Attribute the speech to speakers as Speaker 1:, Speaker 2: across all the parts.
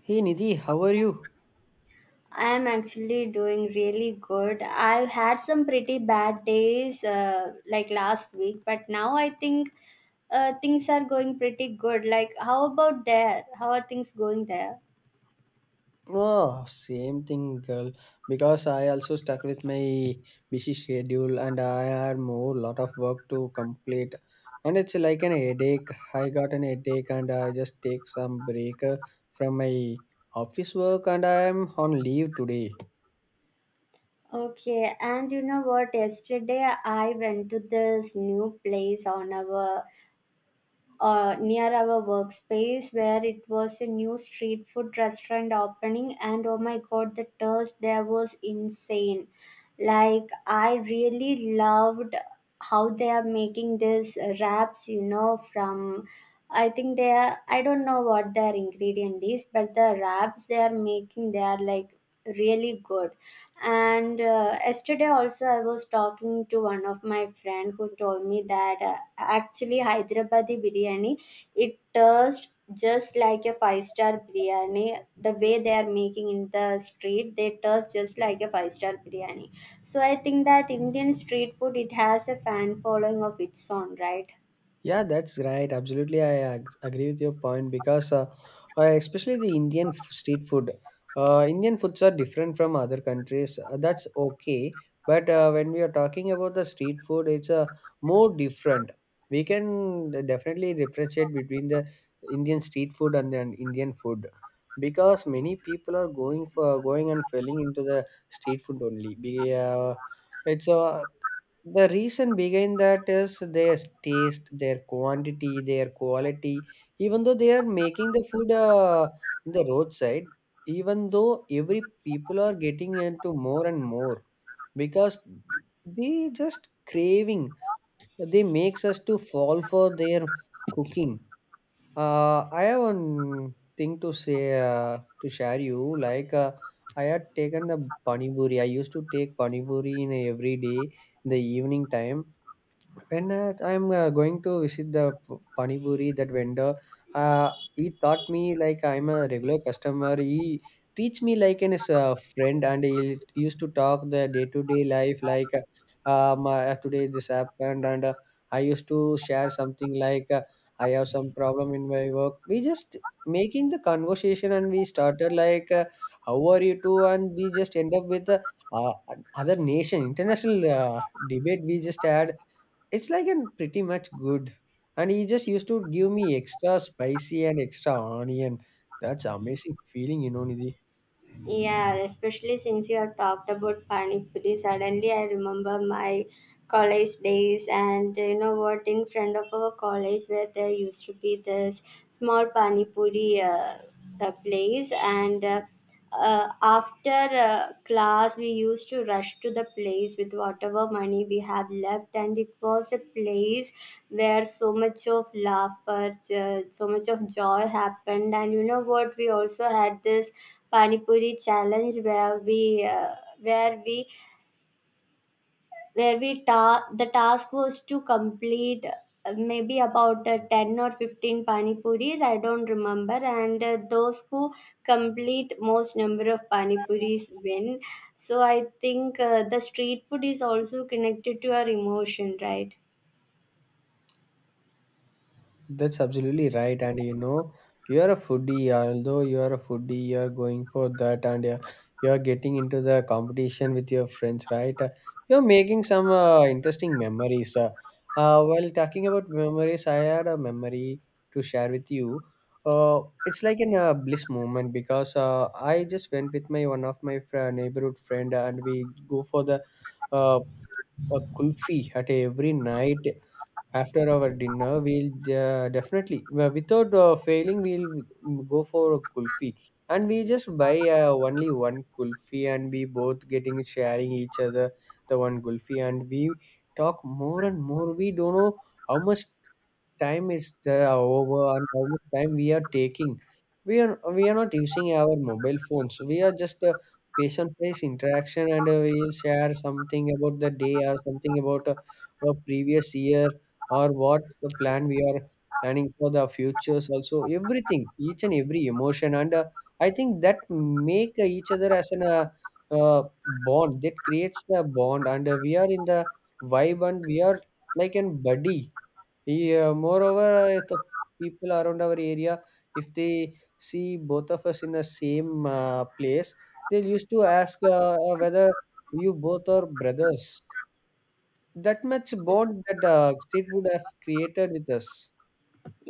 Speaker 1: Hey Nidhi, how are you?
Speaker 2: I am actually doing really good. I had some pretty bad days like last week, but now I think things are going pretty good. Like, how about there? How are things going there?
Speaker 1: Oh, same thing, girl. Because I also stuck with my busy schedule and I had more lot of work to complete. And it's like an headache. I got an headache and I just take some break from my office work and I am on leave today.
Speaker 2: Okay, and you know what? Yesterday I went to this new place on our near our workspace where it was a new street food restaurant opening. And oh my god, the taste there was insane. Like, I really loved how they are making these wraps, you know, from I think they are I don't know what their ingredient is, but the wraps they are making, they are like really good. And yesterday also I was talking to one of my friend who told me that actually Hyderabadi biryani, it tastes just like a five-star biryani. The way they are making in the street, they taste just like a five-star biryani. So I think that Indian street food, it has a fan following of its own, right?
Speaker 1: Yeah, that's right. Absolutely, I agree with your point because, especially the Indian street food, Indian foods are different from other countries. That's okay, but when we are talking about the street food, it's more different. We can definitely differentiate between the Indian street food and the Indian food because many people are going for going and falling into the street food only. Be, it's the reason behind that is their taste, their quantity, their quality. Even though they are making the food in the roadside, even though every people are getting into more and more because they just craving. They makes us to fall for their cooking. I have one thing to say to share you. Like, I had taken the pani puri. I used to take pani puri in every day in the evening time when I'm going to visit the Pani Puri, that vendor. He taught me like I'm a regular customer. He teach me like an his friend, and he used to talk the day to day life like, my, today this happened, and I used to share something like I have some problem in my work. We just making the conversation, and we started like, how are you too, and we just end up with. Uh, Other nation international debate we just had. It's like an pretty much good, and he just used to give me extra spicy and extra onion. That's amazing feeling, you know, Nidhi.
Speaker 2: Yeah, especially since you have talked about Pani Puri, suddenly I remember my college days. And you know what, in front of our college where there used to be this small Pani Puri place. And after class we used to rush to the place with whatever money we have left, and it was a place where so much of laughter, so much of joy happened. And you know what, we also had this pani puri challenge where we where the task was to complete maybe about 10 or 15 pani puris. I don't remember. And those who complete most number of pani puris win. So I think the street food is also connected to our emotion, right?
Speaker 1: That's absolutely right. And you know, you're a foodie, although you're a foodie, you're going for that, and you're getting into the competition with your friends, right? You're making some interesting memories. While talking about memories, I had a memory to share with you. It's like an bliss moment because I just went with my one of my neighborhood friend, and we go for the uh, a kulfi at every night. After our dinner, we'll definitely, well, without failing, we'll go for a kulfi. And we just buy only one kulfi, and we both getting sharing each other the one kulfi. And we talk more and more. We don't know how much time is the over and how much time we are taking. We are not using our mobile phones. We are just a face on face interaction, and we'll share something about the day or something about a previous year or what's the plan we are planning for the futures. Also, everything, each and every emotion, and I think that make each other as an bond, that creates the bond, and we are in the vibe, and we are like an buddy. Yeah, moreover, if the people around our area, if they see both of us in the same place, they used to ask whether you both are brothers. That much bond that street would have created with us.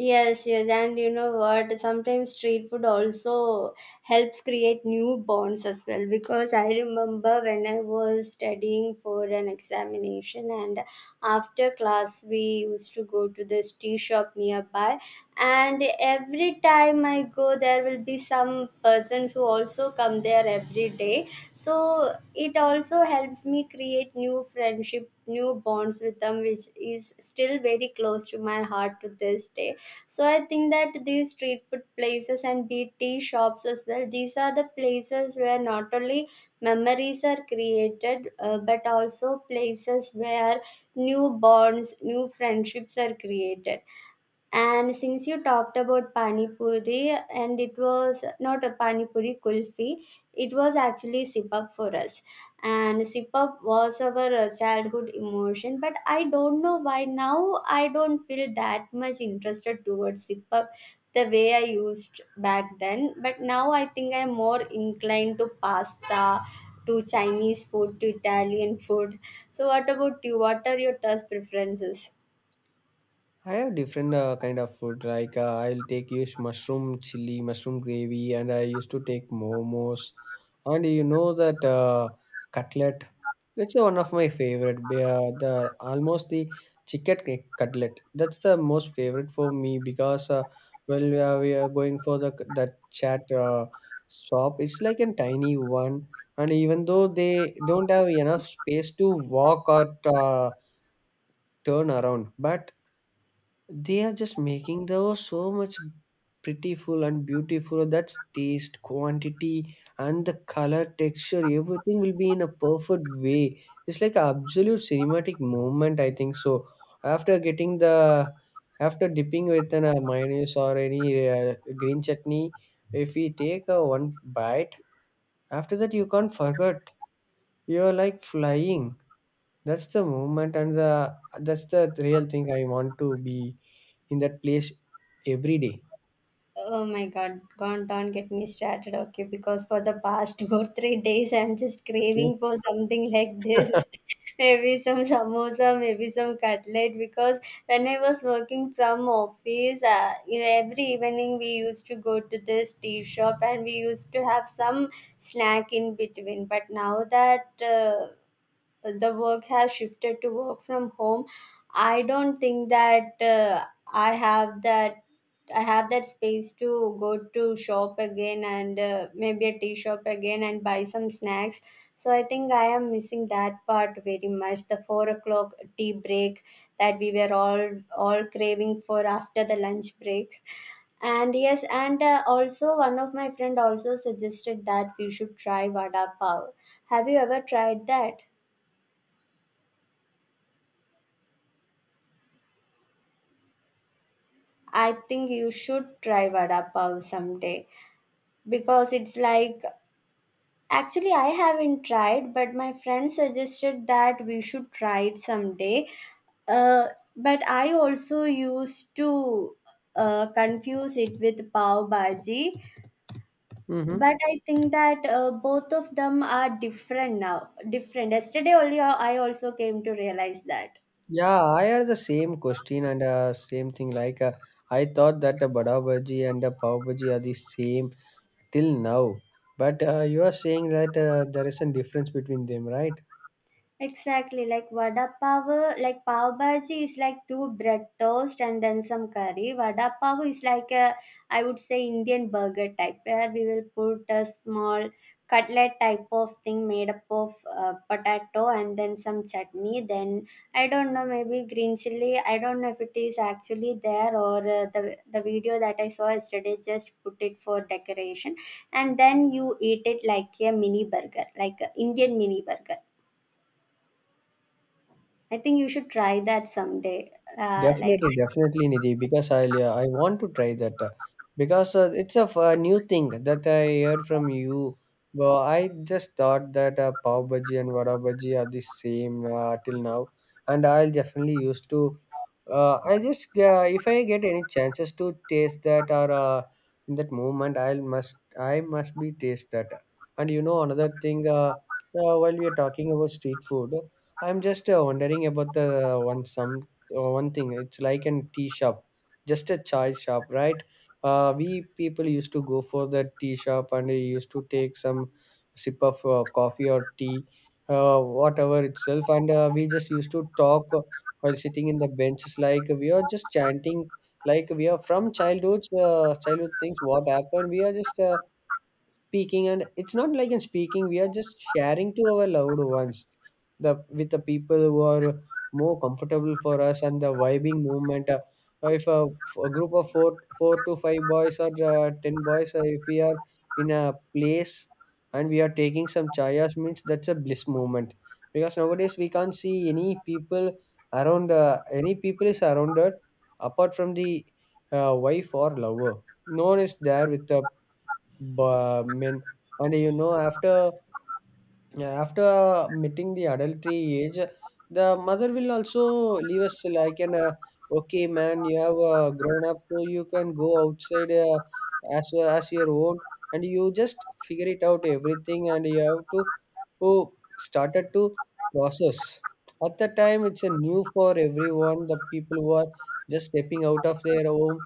Speaker 2: Yes, yes, and you know what? Sometimes street food also helps create new bonds as well. Because I remember when I was studying for an examination, and after class, we used to go to this tea shop nearby. And every time I go, there will be some persons who also come there every day. So it also helps me create new friendship, new bonds with them, which is still very close to my heart to this day. So I think that these street food places and be tea shops as well, these are the places where not only memories are created, but also places where new bonds, new friendships are created. And since you talked about Pani Puri, and it was not a Pani Puri kulfi, it was actually Sip Up for us. And Sip Up was our childhood emotion, but I don't know why now I don't feel that much interested towards Sip Up the way I used back then. But now I think I'm more inclined to pasta, to Chinese food, to Italian food. So, what about you? What are your taste preferences?
Speaker 1: I have different kind of food. Like, I'll take use mushroom chili, mushroom gravy, and I used to take momos, and you know that cutlet. That's one of my favorite. The almost the cutlet, that's the most favorite for me because well, we are going for the that chat shop. It's like a tiny one, and even though they don't have enough space to walk or turn around, but they are just making those so much prettiful and beautiful. That's taste, quantity, and the color, texture, everything will be in a perfect way. It's like an absolute cinematic moment, I think so. After getting the after dipping with an mayonnaise or any green chutney, if we take a one bite, after that you can't forget. You're like flying. That's the moment, and the that's the real thing I want to be in that place every day.
Speaker 2: Oh my god, don't get me started, okay? Because for the past two or three days, I'm just
Speaker 1: Okay.
Speaker 2: craving for something like this. Maybe some samosa, maybe some cutlet. Because when I was working from office, you know, every evening we used to go to this tea shop and we used to have some snack in between. But now that the work has shifted to work from home, I don't think that i have that I have that space to go to shop again and maybe a tea shop again and buy some snacks. So I think I am missing that part very much, the 4 o'clock tea break that we were all craving for after the lunch break. And yes, and also one of my friend also suggested that we should try vada pav. Have you ever tried that? I think you should try vada pav someday, because it's like, actually I haven't tried, but my friend suggested that we should try it someday. Uh, but I also used to confuse it with pav bhaji.
Speaker 1: Mm-hmm.
Speaker 2: But I think that both of them are different. Now different. Yesterday only I also came to realize that.
Speaker 1: Yeah, I had the same question and same thing. Like, I thought that the bada bhaji and the pav bhaji are the same till now, but you are saying that there is a difference between them, right?
Speaker 2: Exactly, like vada pav, like pav bhaji is like two bread toast and then some curry. Vada pav is like a, I would say, Indian burger type, where we will put a small cutlet type of thing made up of potato and then some chutney. Then I don't know, maybe green chili. I don't know if it is actually there or the video that I saw yesterday just put it for decoration. And then you eat it like a mini burger, like a Indian mini burger. I think you should try that someday. Uh, like,
Speaker 1: Definitely, definitely, Nidhi, because I want to try that because it's a, a new thing that I heard from you. Well, I just thought that pav bhaji and vada bhaji are the same till now, and I'll definitely used to. I just if I get any chances to taste that or in that moment, I must be taste that. And you know another thing, while we are talking about street food, I'm just wondering about the uh, one some one thing. It's like a tea shop, just a chai shop, right? We people used to go for that tea shop, and they used to take some sip of coffee or tea, whatever itself, and we just used to talk while sitting in the benches, like we are just chanting, like we are from childhood. Childhood things, what happened, we are just speaking, and it's not like in speaking, we are just sharing to our loved ones the with the people who are more comfortable for us, and the vibing movement. If a group of four to five boys or ten boys, if we are in a place, and we are taking some chayas, means that's a bliss moment. Because nowadays we can't see any people around, any people is around us apart from the wife or lover. No one is there with the, but I mean, and you know, after meeting the adultery age, the mother will also leave us like an okay man, you have grown up, so you can go outside as your own, and you just figure it out everything, and you have to oh, started to process. At the time, it's a new for everyone, the people who are just stepping out of their home,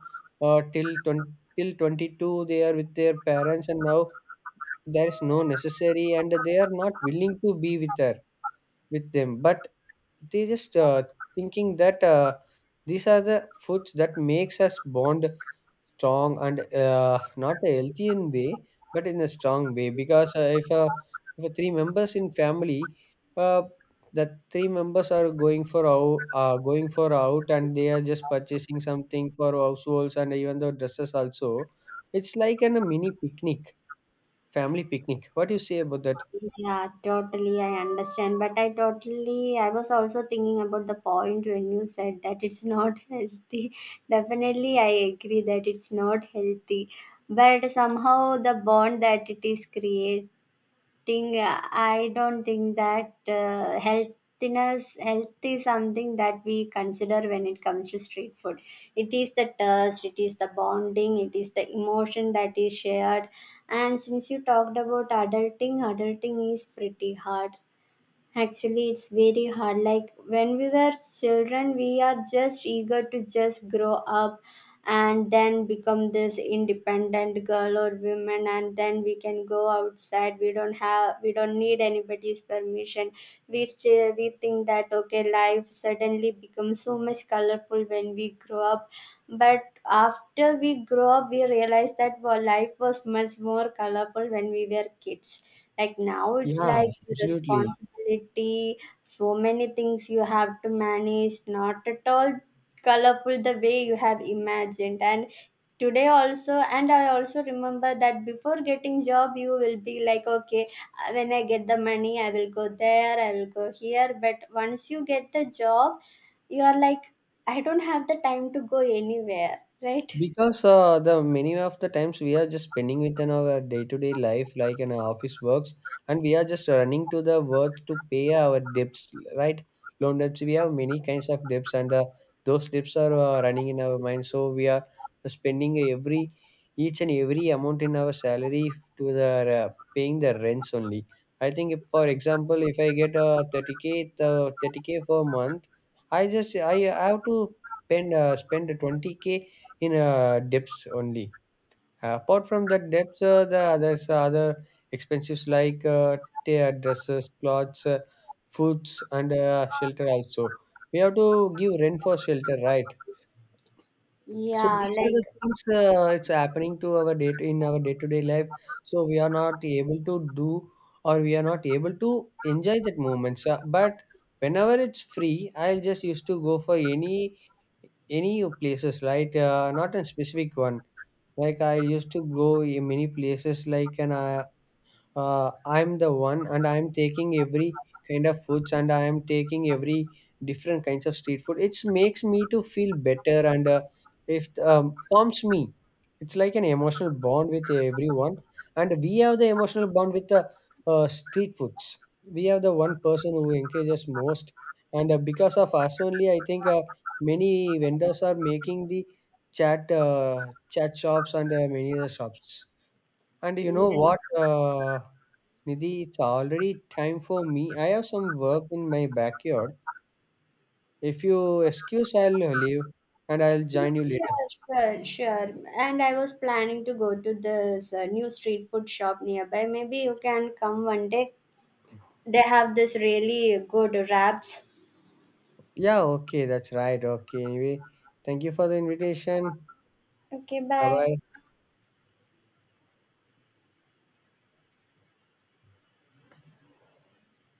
Speaker 1: till 20, till 22 they are with their parents, and now there is no necessary, and they are not willing to be with her with them, but they just thinking that these are the foods that makes us bond strong, and not a healthy in way, but in a strong way. Because if three members in family, uh, that three members are going for out, and they are just purchasing something for households, and even the dresses also, it's like an, a mini picnic, family picnic. What do you say about that?
Speaker 2: yeah, totally, I understand. But I totally, I was also thinking about the point when you said that it's not healthy. Definitely, I agree that it's not healthy. But somehow, the bond that it is creating, think I don't think that health is something that we consider when it comes to street food. It is the taste, it is the bonding, it is the emotion that is shared. And since you talked about adulting, adulting is pretty hard. Actually, it's very hard. Like when we were children, we are just eager to just grow up and then become this independent girl or woman, and then we can go outside. We don't need anybody's permission. We think that okay, life suddenly becomes so much colorful when we grow up. But after we grow up we realize that, well, life was much more colorful when we were kids. Like now it's
Speaker 1: Yeah,
Speaker 2: like the
Speaker 1: absolutely.
Speaker 2: responsibility, so many things you have to manage, not at all colorful the way you have imagined. And today also, and I also remember that before getting job you will be like, okay, when I get the money I will go there, I will go here. But once you get the job you are like, I don't have the time to go anywhere right?
Speaker 1: Because the many of the times we are just spending within our day-to-day life, like in our office works, and we are just running to the work to pay our debts, right? Loan debts. We have many kinds of debts, and those debts are running in our mind. So we are spending every each and every amount in our salary to the uh, paying the rents only. I think, if, for example, if I get a 30K, the 30K per month, I have to spend 20K in depths only. Apart from that depth, the others other expenses like tear dresses, clothes, foods, and shelter also. We have to give rent for shelter, right? So
Speaker 2: Yeah,
Speaker 1: these are
Speaker 2: like,
Speaker 1: the things it's happening to our day to, in our day-to-day life. So we are not able to do, or we are not able to enjoy that moments. But whenever it's free, I'll just used to go for any places, right? Not a specific one. Like I used to go in many places, like, and I I'm the one, and I'm taking every kind of foods, and I am taking every different kinds of street food. It makes me to feel better, and if calms me. It's like an emotional bond with everyone, and we have the emotional bond with the street foods. We have the one person who encourages most, and because of us only, I think many vendors are making the chat shops and many other shops. And you know
Speaker 2: yes.
Speaker 1: what, Nidhi, it's already time for me. I have some work in my backyard. If you excuse, I'll leave and I'll join
Speaker 2: Yeah,
Speaker 1: you later.
Speaker 2: sure, sure, sure. And I was planning to go to this new street food shop nearby. Maybe you can come one day. They have this really good wraps.
Speaker 1: Yeah, okay, that's right. Okay, anyway, thank you for the invitation.
Speaker 2: Okay,
Speaker 1: Bye
Speaker 2: bye.
Speaker 1: bye.